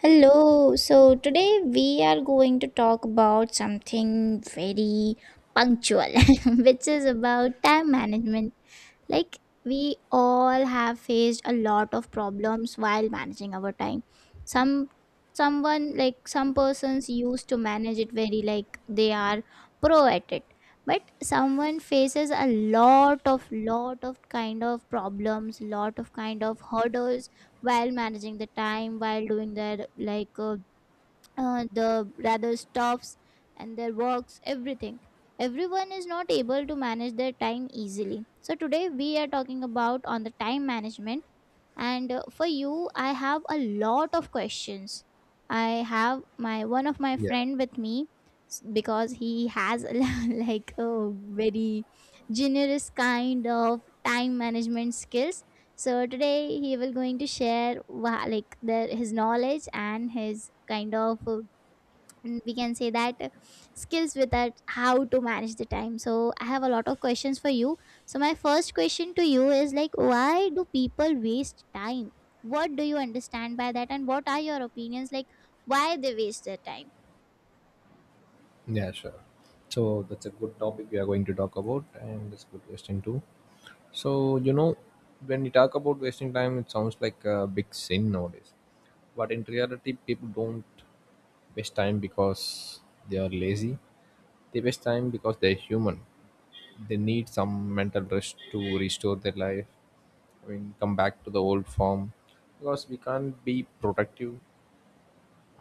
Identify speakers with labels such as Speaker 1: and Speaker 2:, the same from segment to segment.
Speaker 1: Hello. So today we are going to talk about something very punctual, which is about time management. Like we all have faced a lot of problems while managing our time. Some someone like some persons used to manage it very like they are pro at it. But someone faces a lot of kind of problems, lot of kind of hurdles while managing the time while doing their like the rather stops and their works everything everyone is not able to manage their time easily so today we are talking about on the time management and for you I have a lot of questions. I have my one of my
Speaker 2: Yeah,
Speaker 1: friend with me because he has like a very generous kind of time management skills so today he will going to share like his knowledge and his kind of we can say that skills with that how to manage the time so I have a lot of questions for you. So my first question to you is like why do people waste time, what do you understand by that and what are your opinions like why they waste their time?
Speaker 2: yeah, sure. So that's a good topic we are going to talk about, and it's good wasting too. So when you talk about wasting time, it sounds like a big sin nowadays. But in reality, people don't waste time because they are lazy. They waste time because they're human. They need some mental rest to restore their life. I mean, come back to the old form because we can't be productive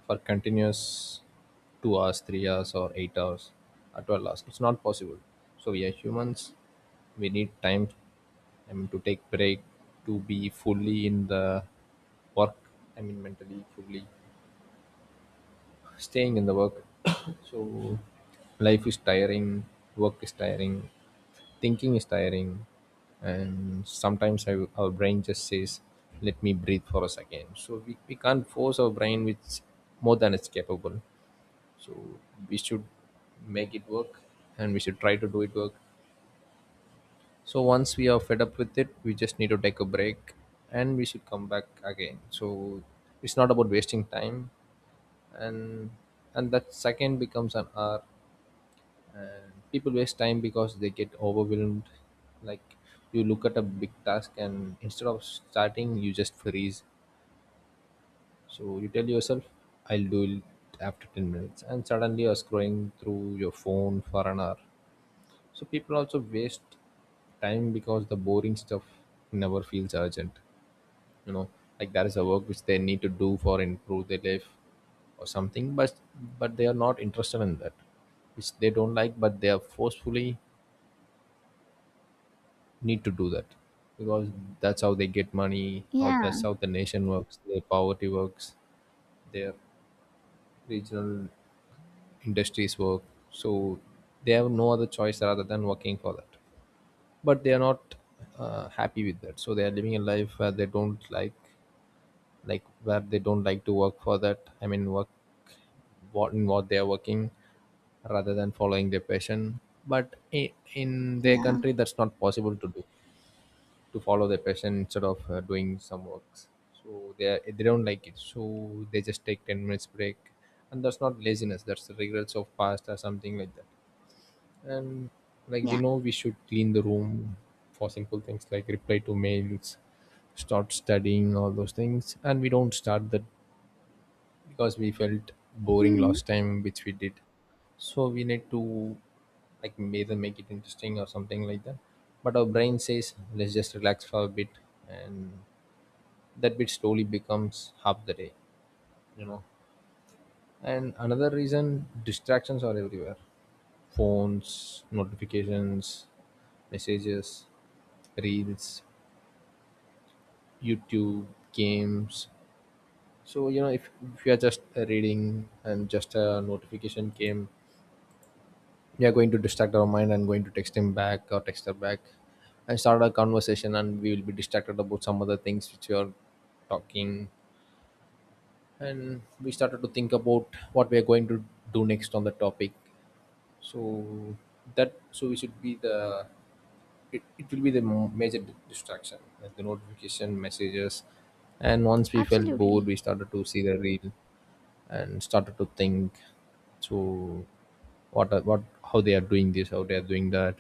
Speaker 2: for continuous 2 hours, 3 hours, or 8 hours, or 12 hours. It's not possible. So we are humans. We need time, I mean, to take break, to be fully in the work. I mean, mentally fully staying in the work. So life is tiring, work is tiring, thinking is tiring, and sometimes our brain just says, "Let me breathe for a second." So we can't force our brain with more than it's capable, so we should make it work and we should try to do it work. So once we are fed up with it we just need to take a break and we should come back again. So it's not about wasting time, and that second becomes an hour. And people waste time because they get overwhelmed, like you look at a big task and instead of starting you just freeze. So you tell yourself I'll do it after 10 minutes, and suddenly you're scrolling through your phone for an hour. So people also waste time because the boring stuff never feels urgent. You know, like there is a work which they need to do for improve their life or something, but they are not interested in that, which they don't like, but they are forcefully need to do that because that's how they get money, or
Speaker 1: Yeah,
Speaker 2: that's how the nation works, their poverty works, their regional industries work. So they have no other choice rather than working for that. But they are not happy with that, so they are living a life where they don't like where they don't like to work for that, I mean work what in what they are working, rather than following their passion. But in their
Speaker 1: yeah,
Speaker 2: country that's not possible to do, to follow their passion instead of doing some works. So they don't like it, so they just take 10 minutes break, and that's not laziness, that's the regrets of past or something like that. And like we
Speaker 1: yeah.
Speaker 2: know we should clean the room, for simple things like reply to mails, start studying all those things, and we don't start that because we felt boring
Speaker 1: Hmm,
Speaker 2: last time which we did. So we need to, like, either make it interesting or something like that, but our brain says let's just relax for a bit, and that bit slowly becomes half the day, you know. And another reason, distractions are everywhere. Phones, notifications, messages, reels, YouTube, games. So you know, if you are just reading and just a notification came, we are going to distract our mind and going to text him back or text her back and start a conversation, and we will be distracted about some other things which we are talking, and we started to think about what we are going to do next on the topic. So that, so we should be the, it will be the major distraction like the notification messages. And once we felt bored
Speaker 1: absolutely.
Speaker 2: we started to see the reel and started to think, so what, how they are doing this, how they are doing that,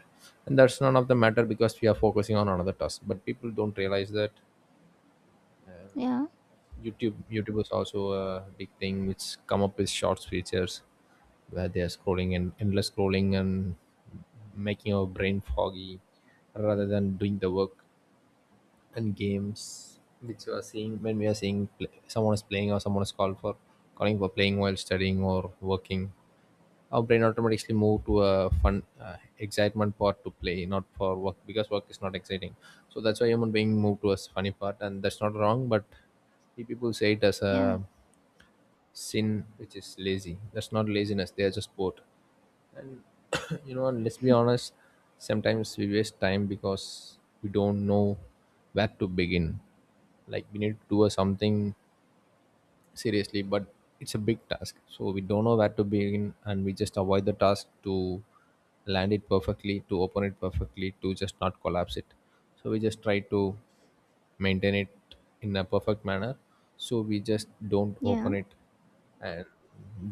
Speaker 2: and that's none of the matter because we are focusing on another task, but people don't realize that.
Speaker 1: Yeah,
Speaker 2: YouTube, YouTube is also a big thing which come up with shorts features where they are scrolling and endless scrolling and making our brain foggy rather than doing the work. And games which you are seeing, when we are seeing someone is playing or someone is called for calling for playing while studying or working, our brain automatically move to a fun excitement part to play, not for work because work is not exciting. So that's why human being move to a funny part, and that's not wrong, but we people say it as
Speaker 1: yeah,
Speaker 2: a sin, which is lazy. That's not laziness, they are just bored. And you know, and let's be honest, sometimes we waste time because we don't know where to begin. Like we need to do a something seriously, but it's a big task so we don't know where to begin and we just avoid the task, to land it perfectly, to open it perfectly, to just not collapse it. So we just try to maintain it in a perfect manner, so we just don't
Speaker 1: yeah,
Speaker 2: open it and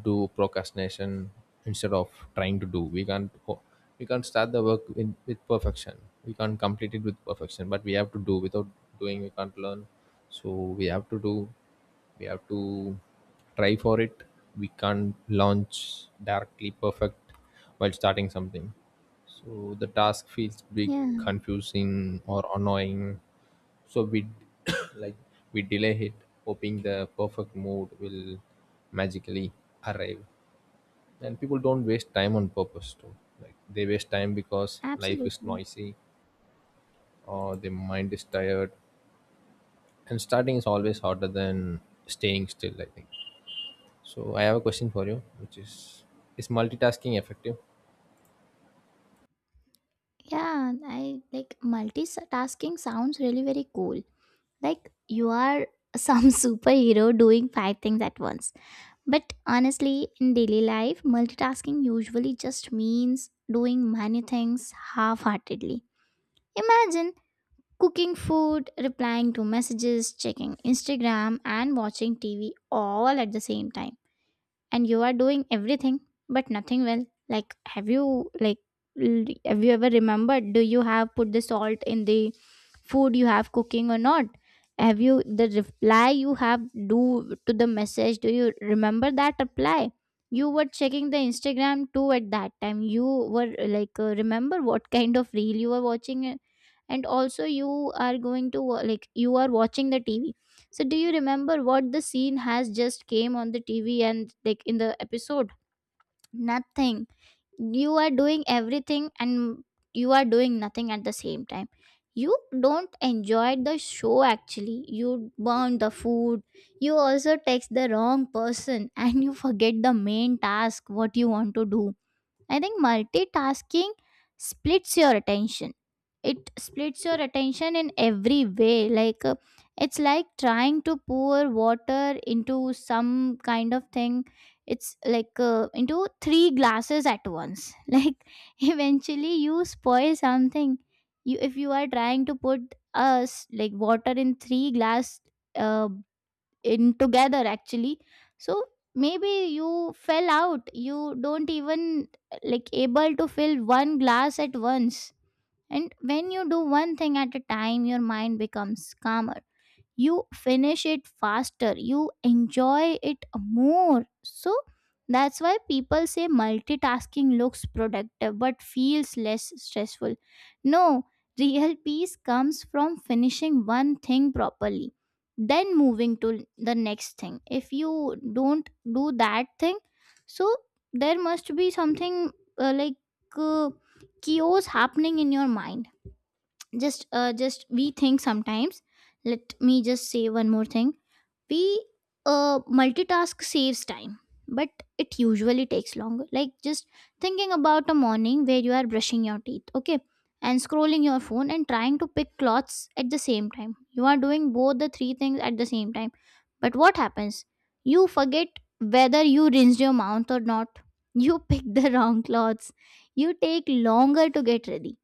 Speaker 2: do procrastination instead of trying to do. We can't we can't start the work in, with perfection, we can't complete it with perfection, but we have to do. Without doing we can't learn. So we have to do, we have to try for it. We can't launch directly perfect while starting something. So the task feels big,
Speaker 1: yeah.
Speaker 2: confusing or annoying. So we like, we delay it hoping the perfect mood will magically arrive. And people don't waste time on purpose too, like they waste time because life is
Speaker 1: Absolutely.
Speaker 2: noisy or their mind is tired, and starting is always harder than staying still, I think. So I have a question for you, which is multitasking effective?
Speaker 1: Yeah, I like multitasking sounds really very cool, like you are some superhero doing five things at once. But honestly, in daily life, multitasking usually just means doing many things half heartedly. Imagine cooking food, replying to messages, checking Instagram, and watching TV all at the same time and you are doing everything but nothing well. Like have you like have you ever remembered do you have put the salt in the food you have cooking or not? Have you the reply you have do to the message, do you remember that reply? You were checking the Instagram too at that time, you were like remember what kind of reel you were watching and also you are going to like you are watching the TV, so do you remember what the scene has just came on the TV and like in the episode? Nothing. You are doing everything and you are doing nothing at the same time. You don't enjoy the show actually. You burn the food. You also text the wrong person and you forget the main task what you want to do. I think multitasking splits your attention. It splits your attention in every way. Like it's like trying to pour water into some kind of thing. It's like into three glasses at once. Like eventually you spoil something. You if you are trying to put us like water in three glass uh, in together actually. So maybe you fell out, you don't even like able to fill one glass at once. And when you do one thing at a time your mind becomes calmer, you finish it faster, you enjoy it more. So that's why people say multitasking looks productive but feels less stressful. No, real peace comes from finishing one thing properly then moving to the next thing. If you don't do that thing, so there must be something like uh, chaos happening in your mind. Just just we think sometimes, let me just say one more thing. We multitask saves time but it usually takes longer. Like just thinking about a morning where you are brushing your teeth, okay, and scrolling your phone and trying to pick clothes at the same time, you are doing both the three things at the same time. But what happens, you forget whether you rinsed your mouth or not, you pick the wrong clothes, you take longer to get ready.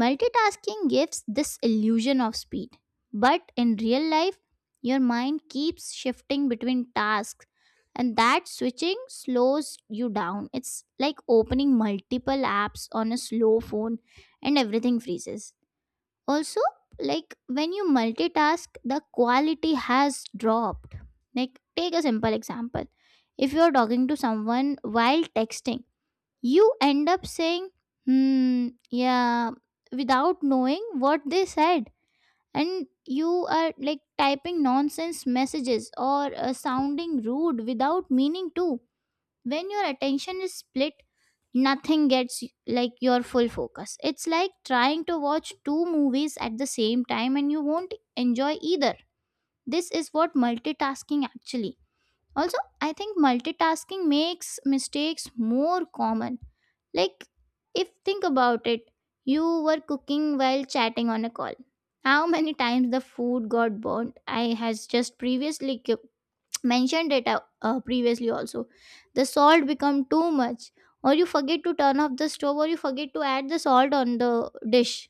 Speaker 1: Multitasking gives this illusion of speed, but in real life your mind keeps shifting between tasks, and that switching slows you down. It's like opening multiple apps on a slow phone, and everything freezes. Also, like when you multitask, the quality has dropped. Like, take a simple example, if you're talking to someone while texting, you end up saying, hmm, yeah, without knowing what they said and you are like typing nonsense messages or sounding rude without meaning to. When your attention is split, nothing gets like your full focus. It's like trying to watch two movies at the same time and you won't enjoy either. This is what multitasking actually. Also I think multitasking makes mistakes more common. Like, if think about it, you were cooking while chatting on a call. How many times the food got burnt? I has just previously mentioned it previously also, the salt become too much or you forget to turn off the stove or you forget to add the salt on the dish.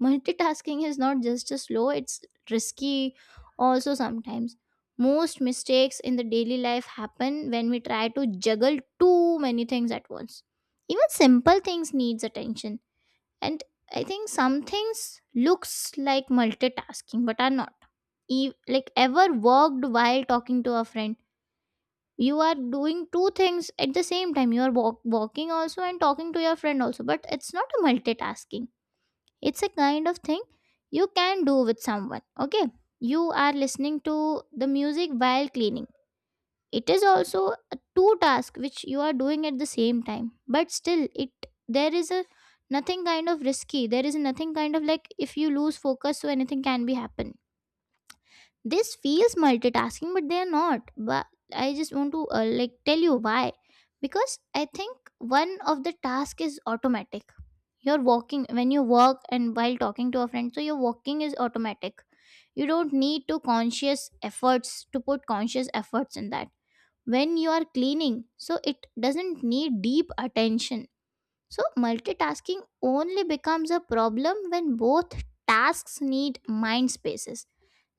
Speaker 1: Multitasking is not just a slow, it's risky. Also sometimes most mistakes in the daily life happen when we try to juggle too many things at once. Even simple things needs attention. And I think some things looks like multitasking but are not. Like ever worked while talking to a friend, you are doing two things at the same time, you are walking also and talking to your friend also but it's not a multitasking. It's a kind of thing you can do with someone okay. You are listening to the music while cleaning, it is also a two task which you are doing at the same time but still it there is a nothing kind of risky, there is nothing kind of like if you lose focus so anything can be happen. This feels multitasking but they're not. But I just want to like tell you why, because I think one of the task is automatic. You're walking when you work and while talking to a friend so your walking is automatic, you don't need to conscious efforts to put conscious efforts in that. When you are cleaning so it doesn't need deep attention. So multitasking only becomes a problem when both tasks need mind spaces,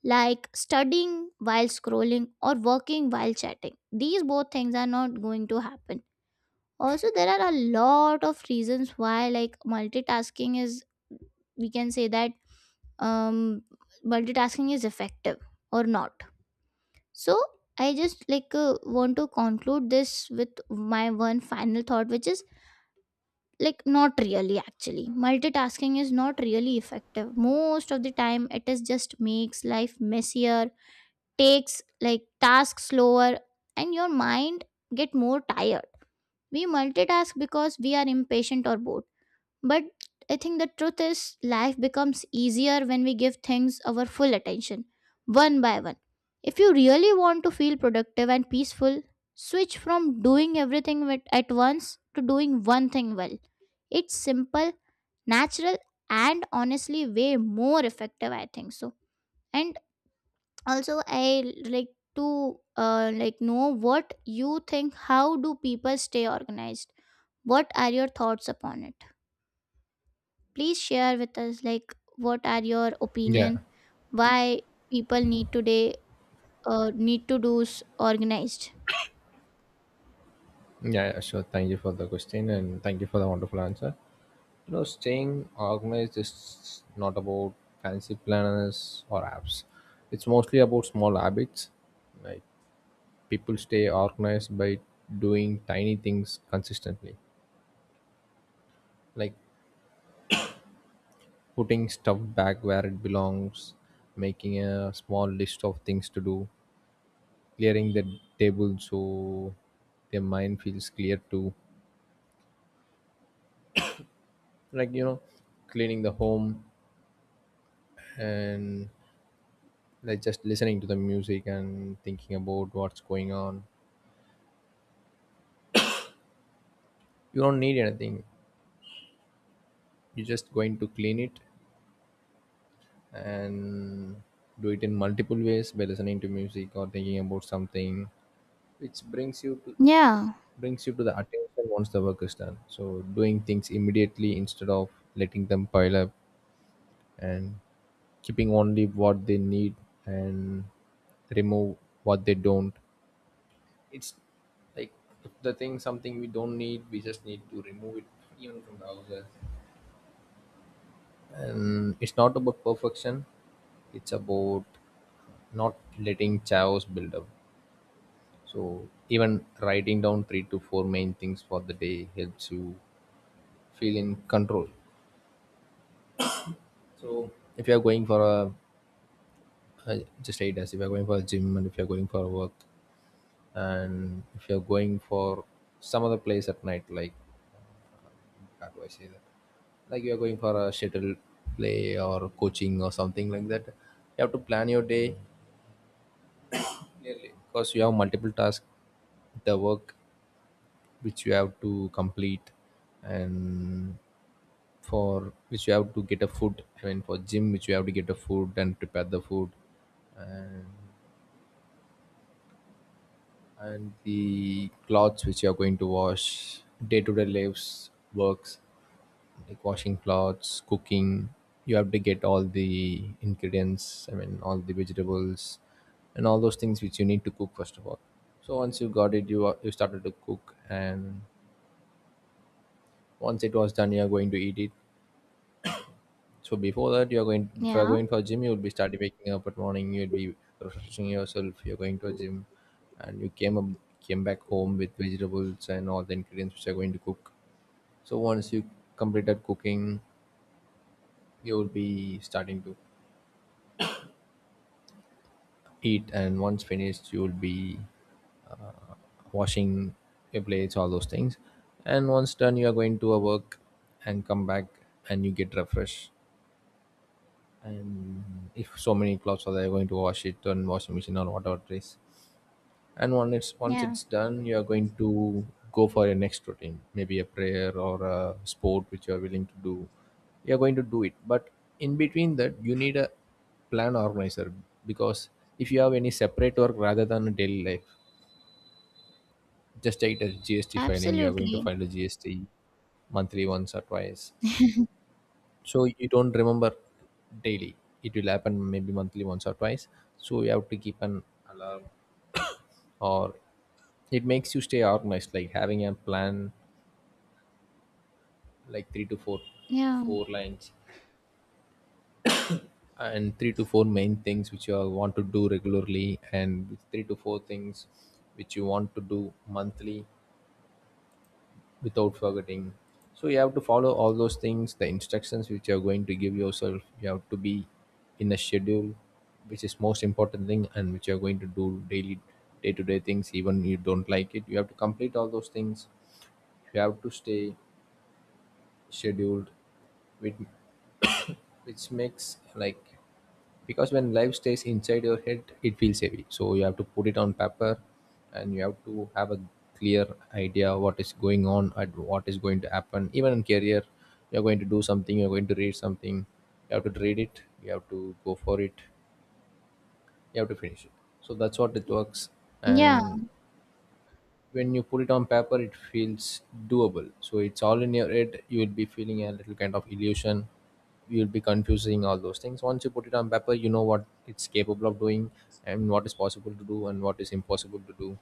Speaker 1: like studying while scrolling or working while chatting. These both things are not going to happen. Also, there are a lot of reasons why, like, multitasking is, we can say that um, multitasking is effective or not. So, I just like want to conclude this with my one final thought, which is like not really actually. Multitasking is not really effective. Most of the time, it is just makes life messier, takes like tasks slower, and your mind get more tired. We multitask because we are impatient or bored, but I think the truth is life becomes easier when we give things our full attention one by one. If you really want to feel productive and peaceful, switch from doing everything at once to doing one thing well. It's simple, natural, and honestly way more effective I think so. And also I like to like know what you think, how do people stay organized, what are your thoughts upon it? Please share with us like what are your opinion
Speaker 2: Yeah.
Speaker 1: why people need today need to do organized.
Speaker 2: Yeah, yeah, sure. Thank you for the question and thank you for the wonderful answer. You know, staying organized is not about fancy planners or apps. It's mostly about small habits. Like, people stay organized by doing tiny things consistently. Like putting stuff back where it belongs, making a small list of things to do, clearing the table so their mind feels clear too, like you know, cleaning the home, and like just listening to the music and thinking about what's going on. You don't need anything, you're just going to clean it and do it in multiple ways by listening to music or thinking about something, which brings you to,
Speaker 1: Yeah,
Speaker 2: brings you to the attention once the work is done. So doing things immediately instead of letting them pile up, and keeping only what they need, and remove what they don't. It's like if the thing something we don't need, we just need to remove it, even from the houses. And it's not about perfection, it's about not letting chaos build up. So even writing down three to four main things for the day helps you feel in control. So if you're going for a, just say it as if you're going for a gym, and if you're going for a work, and if you're going for some other place at night, like how do I say that, like you're going for a shuttle play or coaching or something like that, you have to plan your day clearly because you have multiple tasks, the work which you have to complete, and for which you have to get a food, I mean for gym which you have to get a food and prepare the food, and the clothes which you are going to wash, day to day lives works, like washing clothes, cooking. You have to get all the ingredients, I mean, all the vegetables and all those things which you need to cook first of all. So once you got it, you started to cook, and once it was done, you are going to eat it. So before that, you are going, if you are
Speaker 1: yeah,
Speaker 2: going for gym, you will be started waking up at morning. You will be refreshing yourself. You are going to a gym, and you came up, came back home with vegetables and all the ingredients which are going to cook. So once you completed cooking, you will be starting to eat, and once finished you will be washing your plates, all those things. And once done you are going to a work and come back and you get refreshed, and if so many clothes are there you're going to wash it on washing machine or whatever it is. And once it's, once
Speaker 1: yeah.
Speaker 2: it's done you are going to go for your next routine, maybe a prayer or a sport which you are willing to do. You're going to do it. But in between that you need a plan organizer, because if you have any separate work rather than a daily life, just take it as GST filing. You are going to
Speaker 1: Absolutely.
Speaker 2: file the GST monthly once or twice. So you don't remember daily. It will happen maybe monthly once or twice. So you have to keep an alarm, or it makes you stay organized, like having a plan like three to four,
Speaker 1: Yeah,
Speaker 2: four lines, and three to four main things which you want to do regularly, and three to four things which you want to do monthly without forgetting. So you have to follow all those things, the instructions which you're going to give yourself. You have to be in a schedule, which is most important thing, and which you're going to do daily, day to day things. Even you don't like it, you have to complete all those things. You have to stay scheduled with, which makes like, because when life stays inside your head it feels heavy, so you have to put it on paper, and you have to have a clear idea what is going on and what is going to happen, even in career. You're going to do something, you're going to read something, you have to read it, you have to go for it, you have to finish it. So that's what it works.
Speaker 1: yeah.
Speaker 2: And when you put it on paper it feels doable. So it's all in your head you will be feeling a little kind of illusion, you'll be confusing all those things. Once you put it on paper you know what it's capable of doing and what is possible to do and what is impossible to do.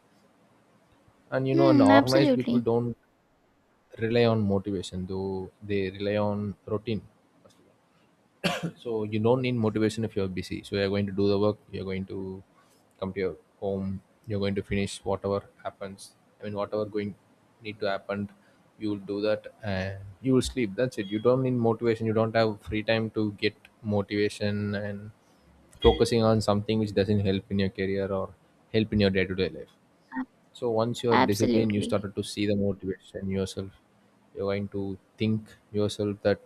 Speaker 2: And you know, and
Speaker 1: Hmm,
Speaker 2: organized people
Speaker 1: absolutely.
Speaker 2: don't rely on motivation, though they rely on routine. So you don't need motivation if you're busy. So you're going to do the work, you're going to come to your home, you're going to finish whatever happens. I mean whatever going need to happen, you will do that and you will sleep. That's it. You don't need motivation. You don't have free time to get motivation and focusing on something which doesn't help in your career or help in your day-to-day life. So once you're disciplined, you
Speaker 1: Absolutely.
Speaker 2: started to see the motivation in yourself. You're going to think yourself that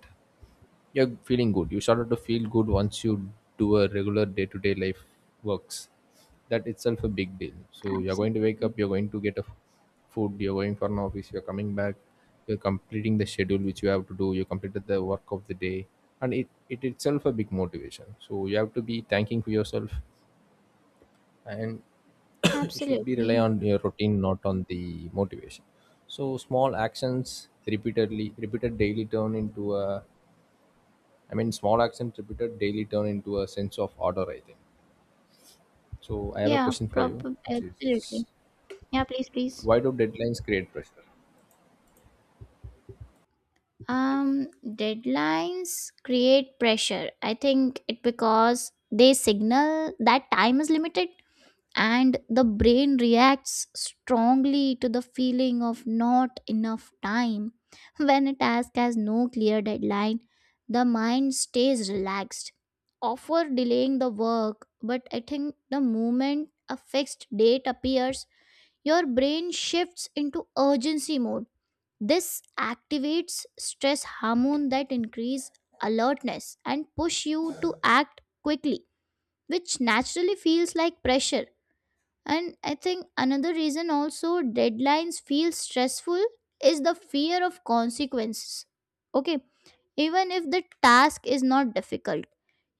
Speaker 2: you're feeling good. You started to feel good once you do a regular day-to-day life works. That itself a big deal. So you're going to wake
Speaker 1: Absolutely.
Speaker 2: up, you're going to get a food, you're going for an office, you're coming back, you're completing the schedule which you have to do, you completed the work of the day, and it itself a big motivation. So you have to be thanking for yourself. And you should be rely on
Speaker 1: Absolutely.
Speaker 2: your routine, not on the motivation. So small actions repeatedly repeated daily turn into a, I mean, small actions repeated daily turn into a sense of order, I think. So, I have a
Speaker 1: Yeah,
Speaker 2: question for you,
Speaker 1: proper
Speaker 2: which is,
Speaker 1: absolutely. Yeah, please, please.
Speaker 2: why do deadlines create pressure?
Speaker 1: Deadlines create pressure. I think it because they signal that time is limited and the brain reacts strongly to the feeling of not enough time. When a task has no clear deadline, the mind stays relaxed. Offer delaying the work, but I think the moment a fixed date appears, your brain shifts into urgency mode. This activates stress hormone that increase alertness and push you to act quickly, which naturally feels like pressure. And I think another reason also deadlines feel stressful is the fear of consequences. Okay, even if the task is not difficult,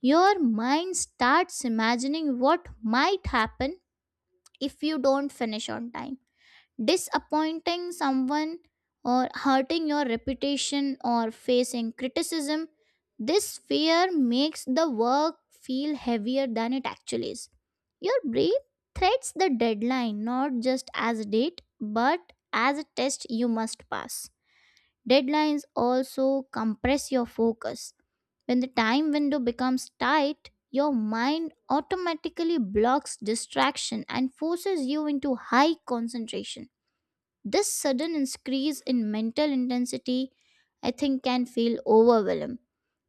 Speaker 1: your mind starts imagining what might happen if you don't finish on time, disappointing someone or hurting your reputation or facing criticism. This fear makes the work feel heavier than it actually is. Your brain threats the deadline not just as a date but as a test you must pass. Deadlines also compress your focus. When the time window becomes tight, your mind automatically blocks distraction and forces you into high concentration. This sudden increase in mental intensity, I think, can feel overwhelming.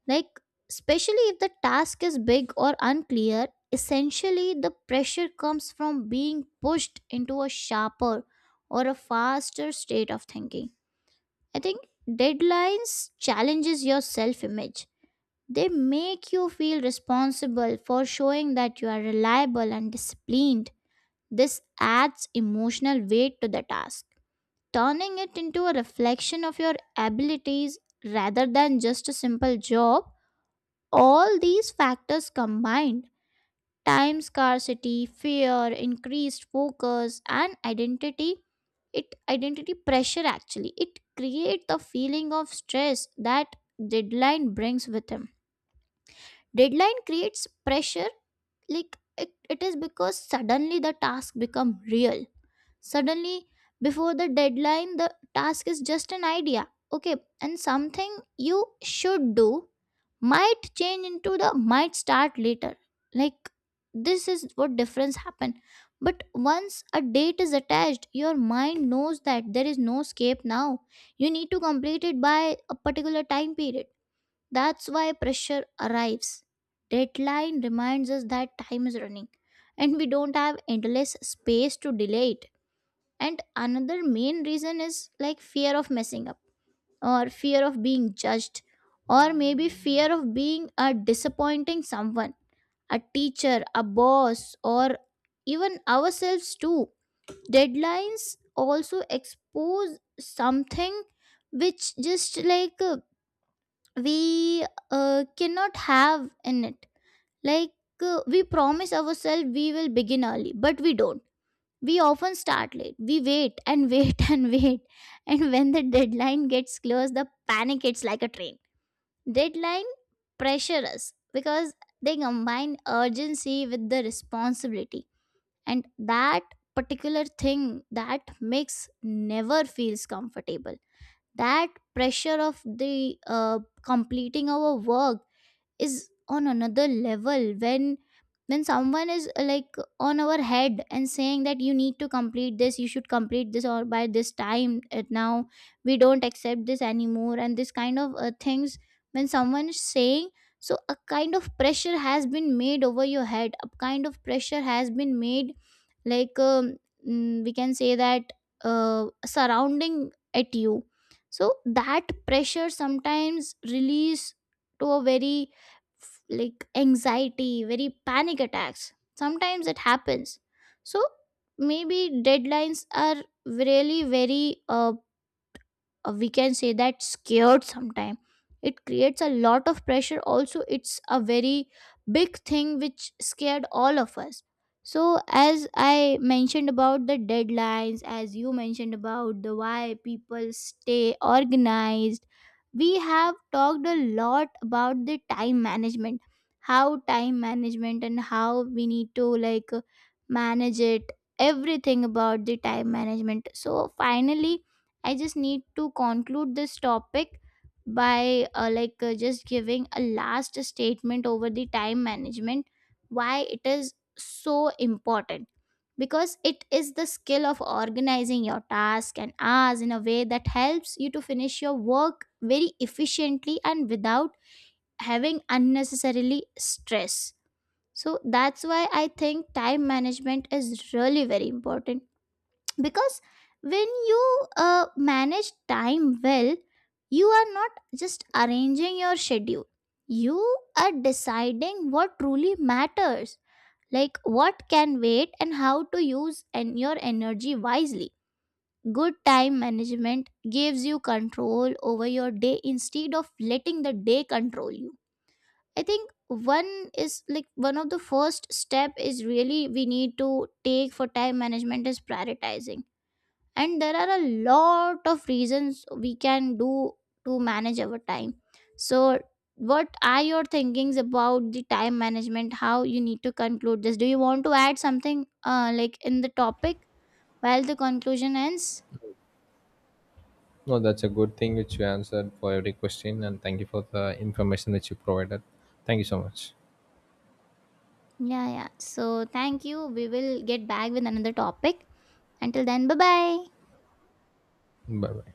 Speaker 1: Like, especially if the task is big or unclear, essentially the pressure comes from being pushed into a sharper or a faster state of thinking. I think deadlines challenges your self-image. They make you feel responsible for showing that you are reliable and disciplined. This adds emotional weight to the task, turning it into a reflection of your abilities rather than just a simple job. All these factors combined, time scarcity, fear, increased focus, and identity, it identity pressure, actually it create the feeling of stress that deadline brings with him. Deadline creates pressure. Like it is because suddenly the task become real. Suddenly, before the deadline, the task is just an idea. Okay, and something you should do might change into the might start later. Like, this is what difference happen. But once a date is attached, your mind knows that there is no escape now. You need to complete it by a particular time period. That's why pressure arrives. Deadline reminds us that time is running and we don't have endless space to delay it. And another main reason is like fear of messing up, or fear of being judged, or maybe fear of being a disappointing someone, a teacher, a boss, or even ourselves too. Deadlines also expose something which just like we cannot have in it. Like, we promise ourselves we will begin early, but we don't. We often start late. We wait and wait and wait. And when the deadline gets close, the panic hits like a train. Deadline pressure us because they combine urgency with the responsibility. And that particular thing that makes never feels comfortable. That pressure of the completing our work is on another level when someone is like on our head and saying that you need to complete this, you should complete this, or by this time, now we don't accept this anymore, and this kind of things. When someone is saying, so a kind of pressure has been made over your head, a kind of pressure has been made, like we can say that surrounding at you. So that pressure sometimes release to a very like anxiety, very panic attacks. Sometimes it happens. So maybe deadlines are really very, we can say that scared sometime. It creates a lot of pressure, also it's a very big thing which scared all of us. So as I mentioned about the deadlines, as you mentioned about the why people stay organized, we have talked a lot about the time management, how time management and how we need to like manage it, everything about the time management. So finally, I just need to conclude this topic by just giving a last statement over the time management, why it is so important. Because it is the skill of organizing your task and hours in a way that helps you to finish your work very efficiently and without having unnecessarily stress. So that's why I think time management is really very important. Because when you manage time well, you are not just arranging your schedule, you are deciding what truly matters, like what can wait and how to use and your energy wisely. Good time management gives you control over your day instead of letting the day control you. I think one is like one of the first step is really we need to take for time management is prioritizing. And there are a lot of reasons we can do to manage our time. So what are your thinkings about the time management, how you need to conclude this, do you want to add something like in the topic while the conclusion ends?
Speaker 2: No, that's a good thing which you answered for every question, and thank you for the information that you provided. Thank you so much.
Speaker 1: Yeah, yeah, so thank you, we will get back with another topic. Until then, bye bye.
Speaker 2: Bye bye.